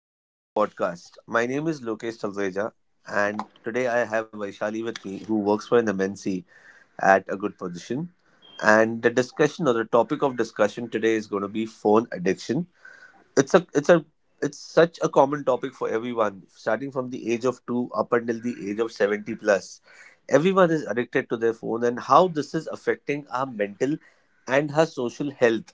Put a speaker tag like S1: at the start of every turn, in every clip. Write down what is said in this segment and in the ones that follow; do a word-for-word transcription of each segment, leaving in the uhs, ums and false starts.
S1: Welcome to the podcast. My name is Lokesh Talreja, and today I have Vaishali with me, who works for an M N C at a good position. And the discussion or the topic of discussion today is going to be phone addiction. It's a it's a it's such a common topic for everyone, starting from the age of two up until the age of seventy plus. Everyone is addicted to their phone, and how this is affecting our mental and her social health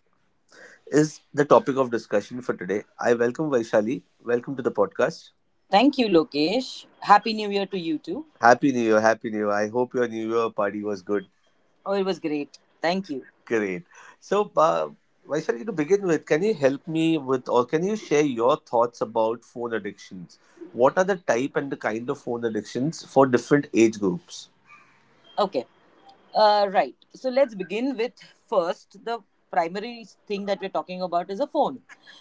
S1: is the topic of discussion for today. I welcome Vaishali. Welcome to the podcast.
S2: Thank you, Lokesh. Happy New Year to you too.
S1: Happy New Year. Happy New Year. I hope your New Year party was good.
S2: Oh, it was great. Thank you.
S1: Great. So, uh, Vaishali, to begin with, can you help me with or can you share your thoughts about phone addictions? What are the type and the kind of phone addictions for different age groups?
S2: Okay. Uh, right. So let's begin with first the primary thing that we're talking about is a phone.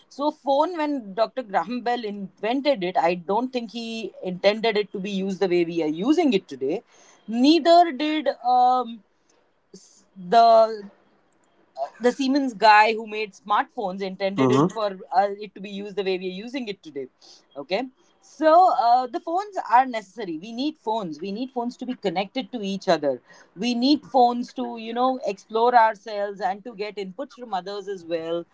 S2: So phone, when doctor Graham Bell invented it, I don't think he intended it to be used the way we are using it today. Neither did um, s- the the Siemens guy who made smartphones intended it
S1: Mm-hmm.
S2: for uh, it to be used the way we are using it today. Okay, so uh, the phones are necessary. We need phones. We need phones to be connected to each other. We need phones to you know explore ourselves and to get inputs from others as well,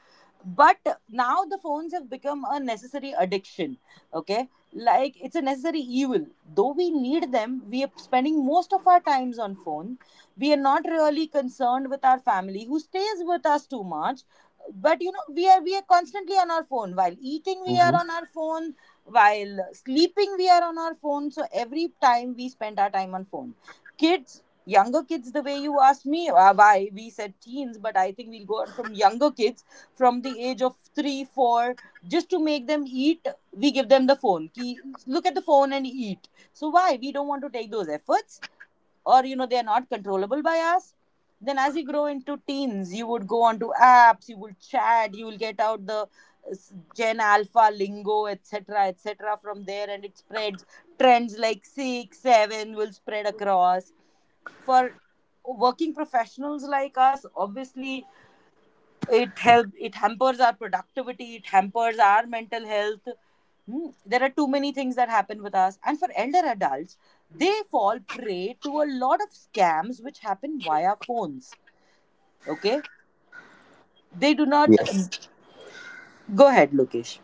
S2: but now the phones have become a necessary addiction. Okay, like it's a necessary evil. Though we need them, we are spending most of our times on phone. We are not really concerned with our family who stays with us too much, but you know, we are we are constantly on our phone. While eating, we
S1: Mm-hmm.
S2: are on our phone. While sleeping, we are on our phone. So every time we spend our time on phone, kids, younger kids, the way you asked me uh, why we said teens, but I think we'll go on from younger kids. From the age of three four just to make them eat, we give them the phone ki look at the phone and eat. So why we don't want to take those efforts? Or you know, they are not controllable by us. Then as you grow into teens, you would go on to apps, you will chat, you will get out the uh, gen alpha lingo, etc., etc., from there, and it spreads. Trends like six seven will spread across. For working professionals like us, obviously, it help it hampers our productivity, it hampers our mental health. Hmm, there are too many things that happen with us. And for elder adults, they fall prey to a lot of scams which happen via phones. Okay, they do not
S1: Yes.
S2: go ahead, Lokesh.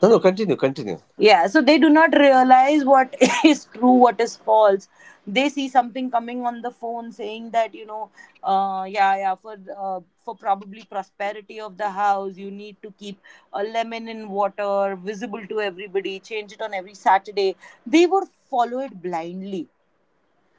S1: No, no, continue, continue.
S2: Yeah, so they do not realize what is true, what is false. They see something coming on the phone saying that you know, uh, yeah, yeah, for uh, for probably prosperity of the house, you need to keep a lemon in water, visible to everybody, change it on every Saturday. They would follow it blindly.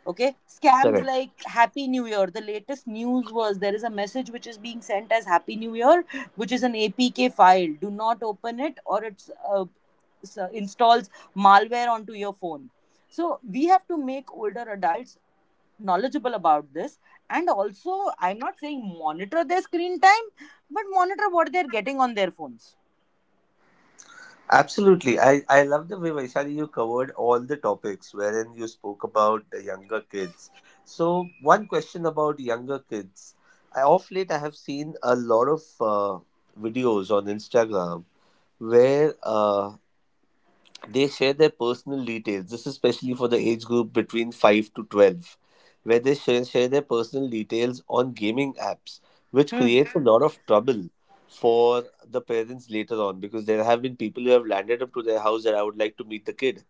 S2: Okay, scams
S1: Correct.
S2: like Happy New Year. The latest news was there is a message which is being sent as Happy New Year, which is an A P K file. Do not open it, or it's uh, uh, installs malware onto your phone. So we have to make older adults knowledgeable about this. And also, I'm not saying monitor their screen time, but monitor what they're getting on their phones.
S1: Absolutely. I, I love the way, Vaishali, you covered all the topics wherein you spoke about the younger kids. So, one question about younger kids. I, off late, I have seen a lot of uh, videos on Instagram where uh, they share their personal details. This is especially for the age group between five to twelve, where they share, share their personal details on gaming apps, which
S2: Hmm.
S1: creates a lot of trouble for the parents later on because there have been people who have landed up to their house that I would like to meet the kid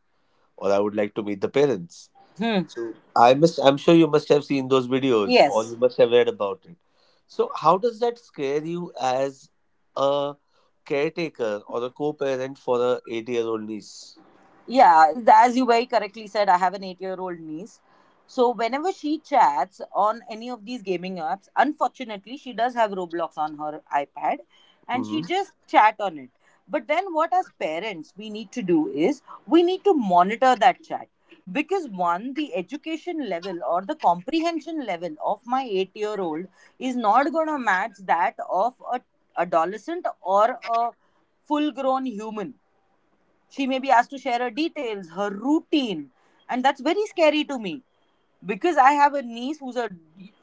S1: or I would like to meet the parents.
S2: Hmm.
S1: So I must I'm sure you must have seen those videos or
S2: Yes.
S1: you must have read about it. So how does that scare you as a caretaker or a co-parent for a eight-year-old niece?
S2: Yeah, th- as you very correctly said, I have an eight year old niece. So whenever she chats on any of these gaming apps, unfortunately, she does have Roblox on her iPad and
S1: Mm-hmm.
S2: she just chat on it. But then, what as parents we need to do is we need to monitor that chat, because one, the education level or the comprehension level of my eight year old is not going to match that of a adolescent or a full grown human. She may be asked to share her details, her routine, and that's very scary to me because I have a niece who's a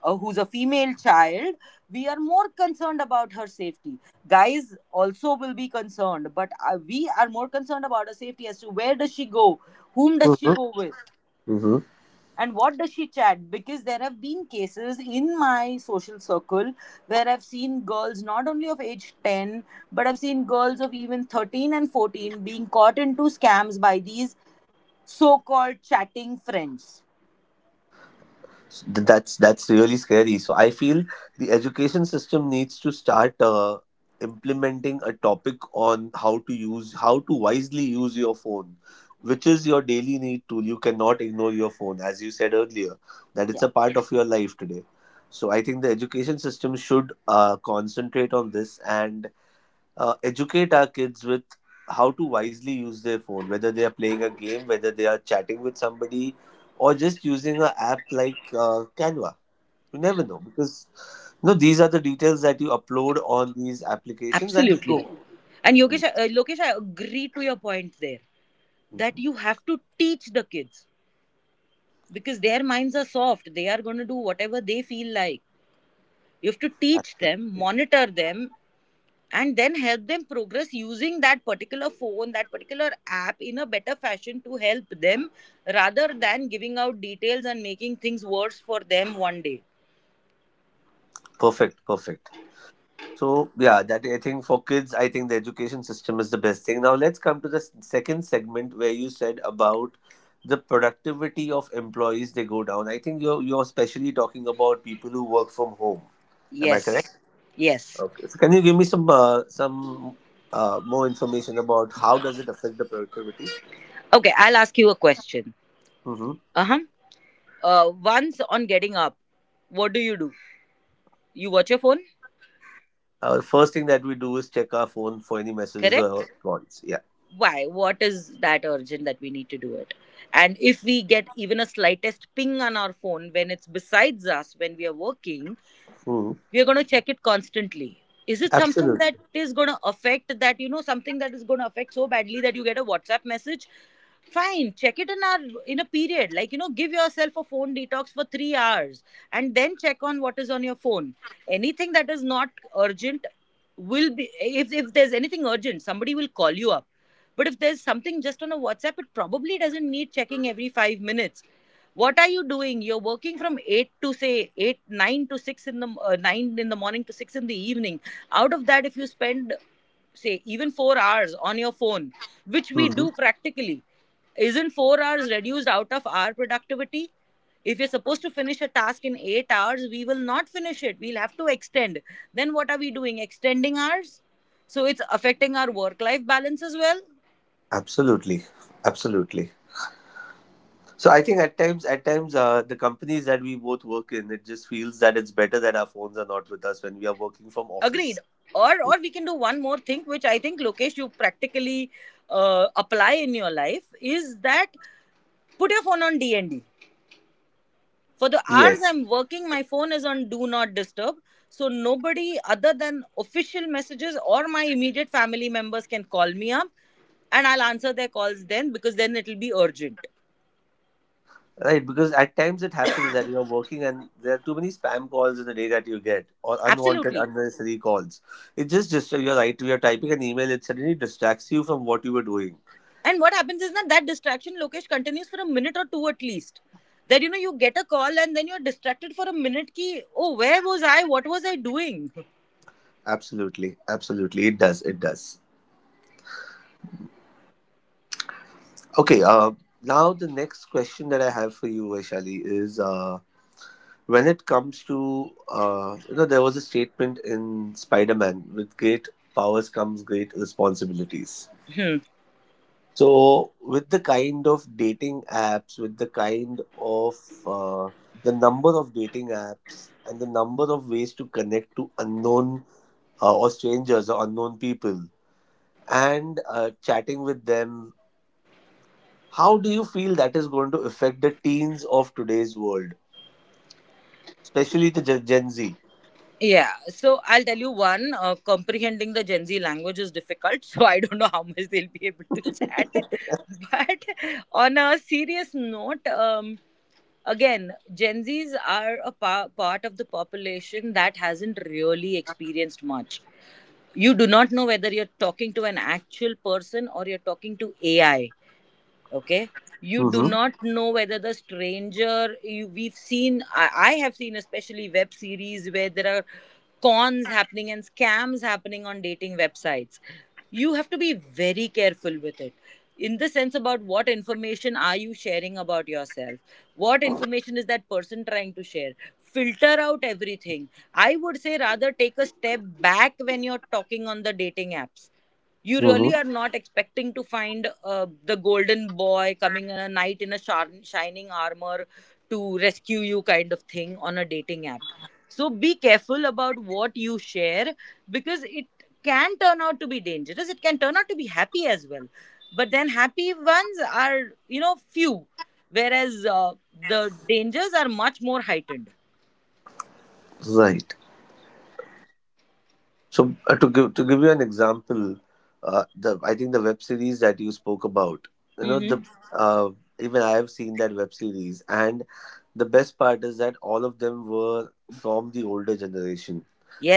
S2: uh, who's a female child. We are more concerned about her safety. Guys also will be concerned, but uh, we are more concerned about her safety, as to where does she go, whom does she
S1: Hmm.
S2: go with,
S1: Hmm.
S2: and what does she chat. Because there have been cases in my social circle where I've seen girls not only of age ten, but I've seen girls of even thirteen and fourteen being caught into scams by these so called chatting friends.
S1: That's that's really scary. So I feel the education system needs to start uh, implementing a topic on how to use, how to wisely use your phone, which is your daily need tool. You cannot ignore your phone, as you said earlier, that it's
S2: Yeah.
S1: a part of your life today. So I think the education system should uh, concentrate on this and uh, educate our kids with how to wisely use their phone, whether they are playing a game, whether they are chatting with somebody, or just using an app like uh, Canva. You never know because you know these are the details that you upload on these applications and they
S2: Absolutely.
S1: go.
S2: And Yogesh, I- uh, Lokesh, I agree to your point there, that
S1: Mhm.
S2: you have to teach the kids because their minds are soft. They are going to do whatever they feel like. You have to teach them, monitor them, and then help them progress using that particular phone, that particular app in a better fashion, to help them rather than giving out details and making things worse for them one day.
S1: Perfect, perfect. So yeah, that I think for kids, I think the education system is the best thing. Now let's come to the s- second segment where you said about the productivity of employees they go down. I think you're you're especially talking about people who work from home. Am I correct?
S2: Yes. Yes.
S1: Okay. So can you give me some uh, some uh, more information about how does it affect the productivity?
S2: Okay, I'll ask you a question.
S1: Mm-hmm.
S2: Uh Uh, once on getting up, what do you do? You watch your phone,
S1: Uh, first thing that we do is check our phone for any messages or
S2: correct?
S1: calls. Yeah.
S2: Why? What is that urgent that we need to do it? And if we get even a slightest ping on our phone when it's besides us, when we are working,
S1: Hmm.
S2: we are going to check it constantly. Is it something
S1: Absolutely.
S2: that is going to affect, that you know, something that is going to affect so badly that you get a WhatsApp message? Fine, check it in our in a period, like you know, give yourself a phone detox for three hours, and then check on what is on your phone. Anything that is not urgent will be, if if there's anything urgent, somebody will call you up, but if there's something just on a WhatsApp, it probably doesn't need checking every five minutes. What are you doing? You're working from eight to say eight nine to six in the uh, nine in the morning to six in the evening. Out of that, if you spend say even four hours on your phone, which we
S1: Hmm.
S2: do practically, isn't four hours reduced out of our productivity? If you're supposed to finish a task in eight hours, we will not finish it, we'll have to extend. Then what are we doing extending hours? So it's affecting our work life balance as well.
S1: Absolutely. Absolutely. So I think at times, at times, uh, the companies that we both work in, it just feels that it's better that our phones are not with us when we are working from
S2: Agreed.
S1: office.
S2: Or or we can do one more thing, which I think Lokesh, you practically uh, apply in your life, is that put your phone on D and D. For the hours
S1: Yes,
S2: I'm working, my phone is on do not disturb. So nobody other than official messages or my immediate family members can call me up, and I'll answer their calls then, because then it'll be urgent.
S1: right. Because at times it happens that you are working and there are too many spam calls in the day that you get or unwanted,
S2: Absolutely.
S1: unnecessary calls. It just just you're right. You're typing an email. It suddenly distracts you from what you were doing.
S2: And what happens is that that distraction, Lokesh, continues for a minute or two at least. That you know, you get a call and then you're distracted for a minute. Ki oh, where was I? What was I doing?
S1: Absolutely, absolutely. It does. It does. Okay, uh, now the next question that I have for you, Vaishali, is uh, when it comes to, uh, you know, there was a statement in Spider Man: with great powers comes great responsibilities.
S2: Hmm.
S1: So, with the kind of dating apps, with the kind of uh, the number of dating apps, and the number of ways to connect to unknown uh, or strangers or unknown people, and uh, chatting with them. How do you feel that is going to affect the teens of today's world, especially the Gen Gen Z?
S2: Yeah. So I'll tell you one. Uh, comprehending the Gen Z language is difficult, so I don't know how much they'll be able to chat. But on a serious note, um, again, Gen Zs are a pa- part of the population that hasn't really experienced much. You do not know whether you're talking to an actual person or you're talking to AI. Okay, you do
S1: Mm-hmm.
S2: not know whether the stranger you, we've seen I, I have seen, especially web series where there are cons happening and scams happening on dating websites. You have to be very careful with it, in the sense about what information are you sharing about yourself, what information is that person trying to share. Filter out everything, I would say. Rather take a step back when you're talking on the dating apps. You really are
S1: Mm-hmm.
S2: not expecting to find uh, the golden boy coming in, a knight in a shar- shining armor to rescue you, kind of thing on a dating app. So be careful about what you share, because it can turn out to be dangerous, it can turn out to be happy as well. But then happy ones are you know few, whereas uh, the dangers are much more heightened.
S1: Right. So uh, to give to give you an example, uh, the I think the web series that you spoke about, you know
S2: Hmm.
S1: the uh, even I have seen that web series, and the best part is that all of them were from the older generation.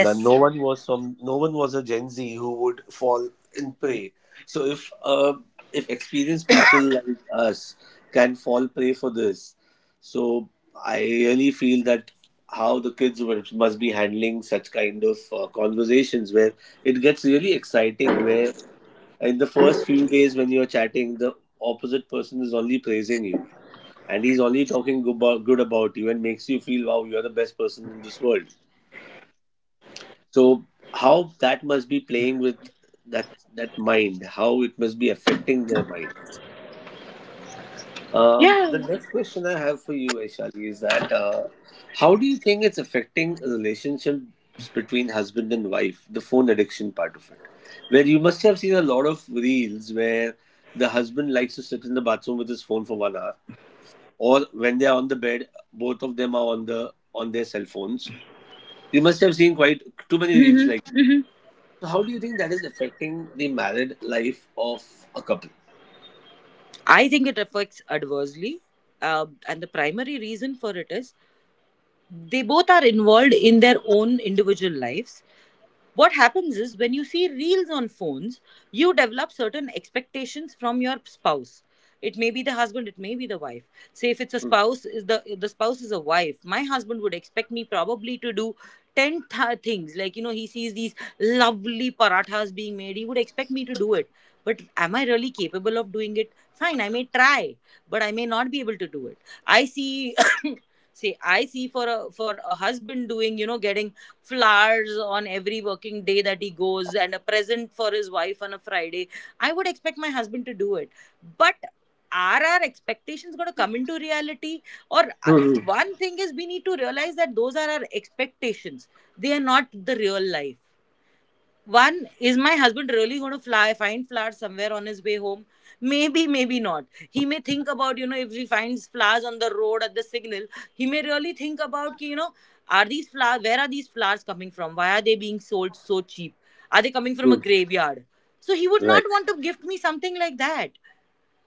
S1: Now, no one was from no one was a Gen Z who would fall in prey. So if uh, if experienced people like us can fall prey for this, so I really feel that how the kids were, must be handling such kind of uh, conversations where it gets really exciting. Where in the first few days when you're chatting, the opposite person is only praising you and he's only talking good about, good about you and makes you feel wow, you're the best person in this world, so how that must be playing with that that mind, how it must be affecting their mind. Um,
S2: Yeah.
S1: the next question I have for you, Aishali, is that uh, how do you think it's affecting relationships between husband and wife, the phone addiction part of it, where you must have seen a lot of reels where the husband likes to sit in the bathroom with his phone for one hour, or when they are on the bed, both of them are on the on their cell phones. You must have seen quite too many reels
S2: Hmm.
S1: like. So, how do you think that is affecting the married life of a couple?
S2: I think it affects adversely. Um, and the primary reason for it is they both are involved in their own individual lives. What happens is, when you see reels on phones, you develop certain expectations from your spouse. It may be the husband, it may be the wife. Say if it's a spouse is the if the spouse is a wife, my husband would expect me probably to do ten th- things, like you know, he sees these lovely parathas being made, he would expect me to do it. But am I really capable of doing it? Fine, I may try, but I may not be able to do it. I see say I see, for a for a husband doing you know, getting flowers on every working day that he goes, and a present for his wife on a Friday. I would expect my husband to do it. But are our expectations going to come into reality? Or uh,
S1: Hmm. Hmm.
S2: one thing is we need to realize that those are our expectations, they are not the real life. One, is my husband really going to fly find flowers somewhere on his way home? Maybe, maybe not. He may think about, you know, if he finds flowers on the road at the signal, he may really think about, ki, you know, are these flowers, where are these flowers coming from? Why are they being sold so cheap? Are they coming from a
S1: Hmm.
S2: graveyard? So he would not
S1: Right.
S2: want to gift me something like that.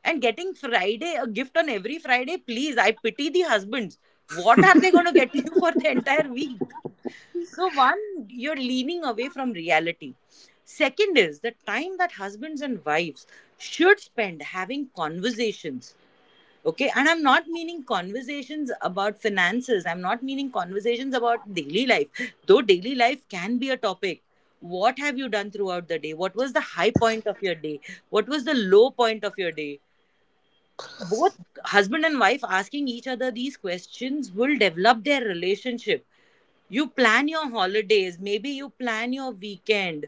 S2: And getting Friday, a gift on every Friday, please, I pity the husbands. What are they going to get you for the entire week? So, one, you're leaning away from reality. Second is the time that husbands and wives should spend having conversations. Okay, and I'm not meaning conversations about finances, I'm not meaning conversations about daily life, though daily life can be a topic. What have you done throughout the day? What was the high point of your day? What was the low point of your day? Both husband and wife asking each other these questions will develop their relationship. You plan your holidays, maybe you plan your weekend,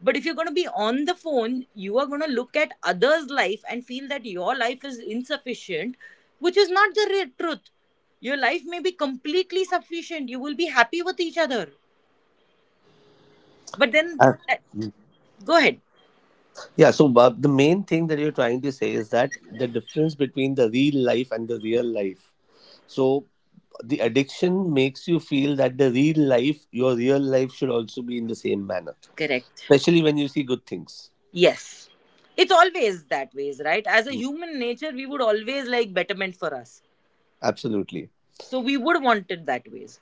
S2: but if you're going to be on the phone, you are going to look at others life and feel that your life is insufficient, which is not the re- truth. Your life may be completely sufficient, you will be happy with each other, but then
S1: Uh,
S2: that- go ahead.
S1: yeah, so uh, the main thing that you're trying to say is that the difference between the real life and the real life. So the addiction makes you feel that the real life, your real life should also be in the same manner,
S2: Correct.
S1: especially when you see good things.
S2: Yes, it's always that ways, right? As a human nature, we would always like betterment for us,
S1: Absolutely.
S2: so we would want it that ways.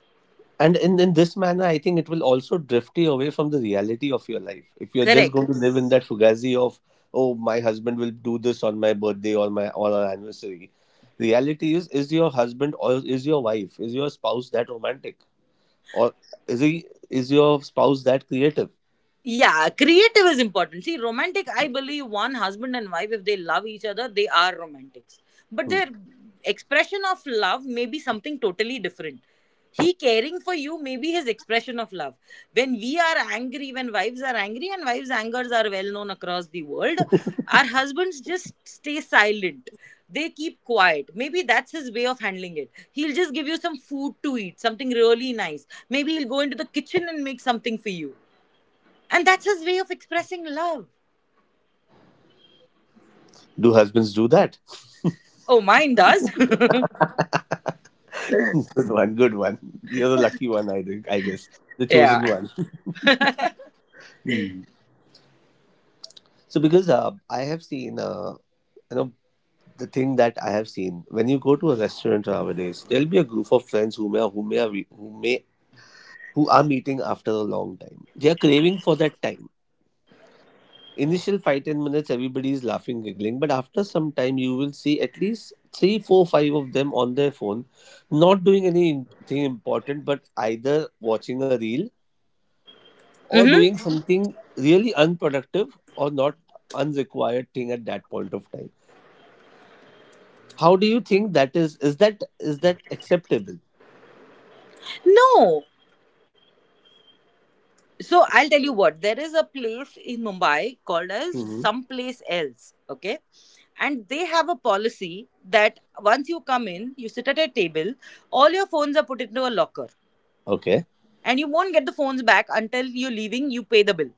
S1: And in, in this manner, I think it will also drift you away from the reality of your life. If you're just
S2: Correct.
S1: going to live in that fugazi of, oh, my husband will do this on my birthday or my or our anniversary, reality is is your husband, or is your wife, is your spouse that romantic, or is he, is your spouse that creative?
S2: Yeah, creative is important. See, romantic, I believe, one husband and wife, if they love each other, they are romantics, but
S1: Hmm.
S2: their expression of love may be something totally different. He caring for you may be his expression of love. When we are angry, when wives are angry, and wives angers are well known across the world, our husbands just stay silent. They keep quiet, maybe that's his way of handling it. He'll just give you some food to eat, something really nice. Maybe he'll go into the kitchen and make something for you, and that's his way of expressing love.
S1: Do husbands do that?
S2: Oh, mine does.
S1: Good one, good one. You're the lucky one, I think. I guess the chosen
S2: Yeah.
S1: one. Hmm. So because uh, I have seen. Uh, you know, the thing that I have seen, when you go to a restaurant nowadays, there'll be a group of friends who may who may are who may who are meeting after a long time. They are craving for that time. Initial five ten minutes, everybody is laughing, giggling, but after some time, you will see at least three, four, five of them on their phone, not doing anything important, but either watching a reel or
S2: Hmm.
S1: doing Mhm. something really unproductive, or not, unrequired thing at that point of time. How do you think that is? Is that is that acceptable?
S2: No. So I'll tell you what. There is a place in Mumbai called as someplace else. Okay. And they have a policy that once you come in, you sit at a table, all your phones are put into a locker.
S1: Okay,
S2: And you won't get the phones back until you're leaving, you pay the bill.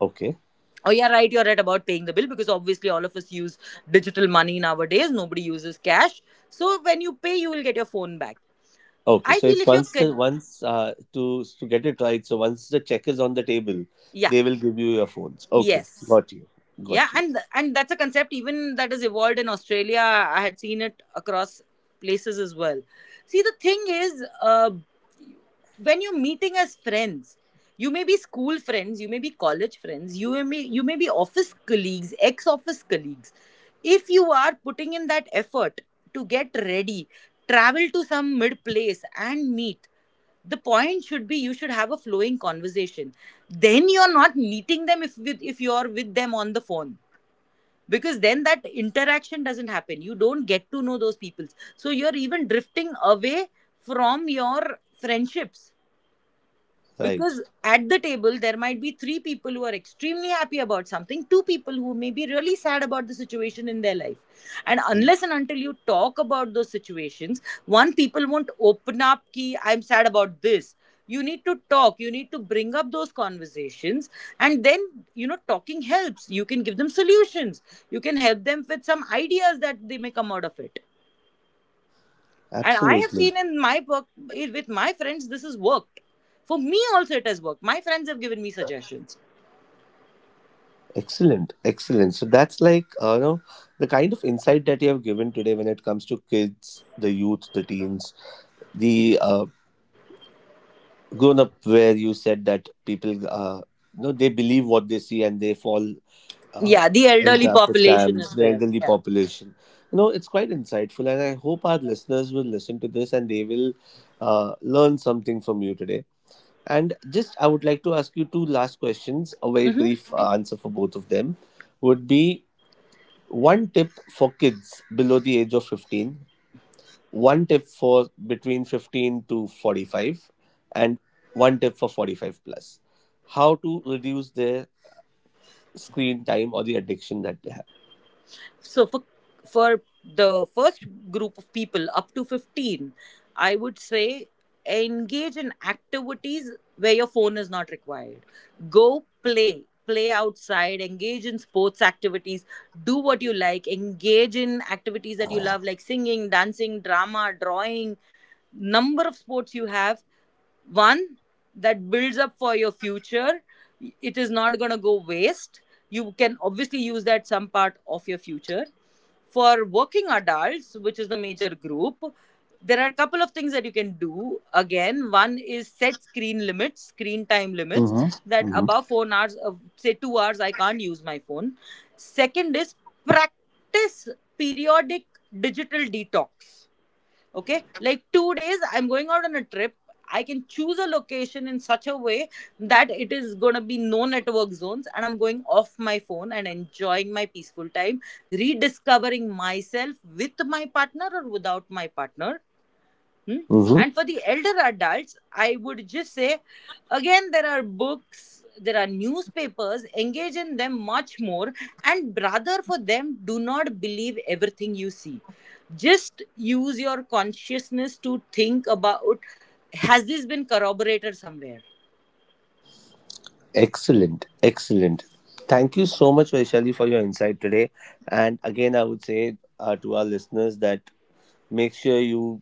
S1: okay,
S2: Oh, yeah, right, you're right about paying the bill, because obviously all of us use digital money nowadays. Nobody uses cash. So when you pay, you will get your phone back.
S1: okay.
S2: I
S1: So
S2: feel
S1: it's
S2: if you're
S1: once
S2: good,
S1: the once uh, to to get it right. So once the check is on the table,
S2: yeah,
S1: they will give you your phones. Okay,
S2: yes,
S1: got you,
S2: yeah,
S1: got you.
S2: and and that's a concept even that has evolved in Australia. I had seen it across places as well. See, the thing is, uh, when you're meeting as friends, you may be school friends, you may be college friends, you may you may be office colleagues, ex-office colleagues. If you are putting in that effort to get ready, travel to some mid place and meet, the point should be you should have a flowing conversation. Then you're not meeting them if with, if you're with them on the phone, because then that interaction doesn't happen, you don't get to know those people. So you're even drifting away from your friendships,
S1: Right,
S2: because at the table there might be three people who are extremely happy about something, two people who may be really sad about the situation in their life. And
S1: Hmm.
S2: unless and until you talk about those situations, one people won't open up, ki I'm sad about this. You need to talk, you need to bring up those conversations, and then, you know talking helps. You can give them solutions, you can help them with some ideas that they may come out of it. And I have
S1: absolutely.
S2: seen in my book it- with my friends, this has worked. For me, also, it has worked. My friends have given me suggestions.
S1: Excellent, excellent. So that's like uh, you know the kind of insight that you have given today, when it comes to kids, the youth, the teens, the uh, grown up. Where you said that people, uh, you know, they believe what they see and they fall uh,
S2: Yeah, the
S1: in
S2: elderly
S1: traffic
S2: population
S1: jams,
S2: as
S1: the
S2: well.
S1: elderly
S2: Yeah.
S1: population. You know, it's quite insightful, and I hope our listeners will listen to this and they will uh, learn something from you today. And just, I would like to ask you two last questions. A very
S2: Hmm.
S1: brief uh, answer for both of them would be one tip for kids below the age of fifteen, one tip for between fifteen to forty-five, and one tip for forty-five plus. How to reduce their screen time or the addiction that they have.
S2: So for for the first group of people up to fifteen, I would say engage in activities where your phone is not required. Go play, play outside, engage in sports activities, do what you like, engage in activities that you love, like singing, dancing, drama, drawing. Number of sports you have, one, that builds up for your future, it is not going to go waste. You can obviously use that some part of your future. For working adults, which is the major group, there are a couple of things that you can do. Again, one is, set screen limits, screen time limits,
S1: Hmm.
S2: that
S1: Hmm.
S2: above four hours uh, say two hours I can't use my phone. Second is, practice periodic digital detox. Okay, like two days I'm going out on a trip, I can choose a location in such a way that it is going to be no network zones, and I'm going off my phone and enjoying my peaceful time, rediscovering myself with my partner or without my partner. Hmm?
S1: Hmm.
S2: And for the elder adults, I would just say, again, there are books, there are newspapers, engage in them much more. And rather, for them, do not believe everything you see. Just use your consciousness to think about, has this been corroborated somewhere?
S1: Excellent. Excellent. Thank you so much, Vaishali, for your insight today. And again, I would say uh, to our listeners that make sure you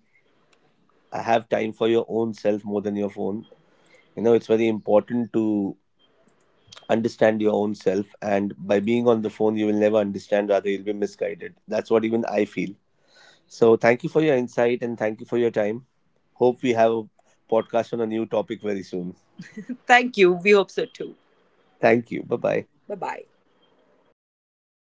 S1: have time for your own self more than your phone. You know, it's very important to understand your own self. And by being on the phone, you will never understand; rather, you'll be misguided. That's what even I feel. So, thank you for your insight and thank you for your time. Hope we have a podcast on a new topic very soon.
S2: Thank you. We hope so too.
S1: Thank you. Bye bye.
S2: Bye bye.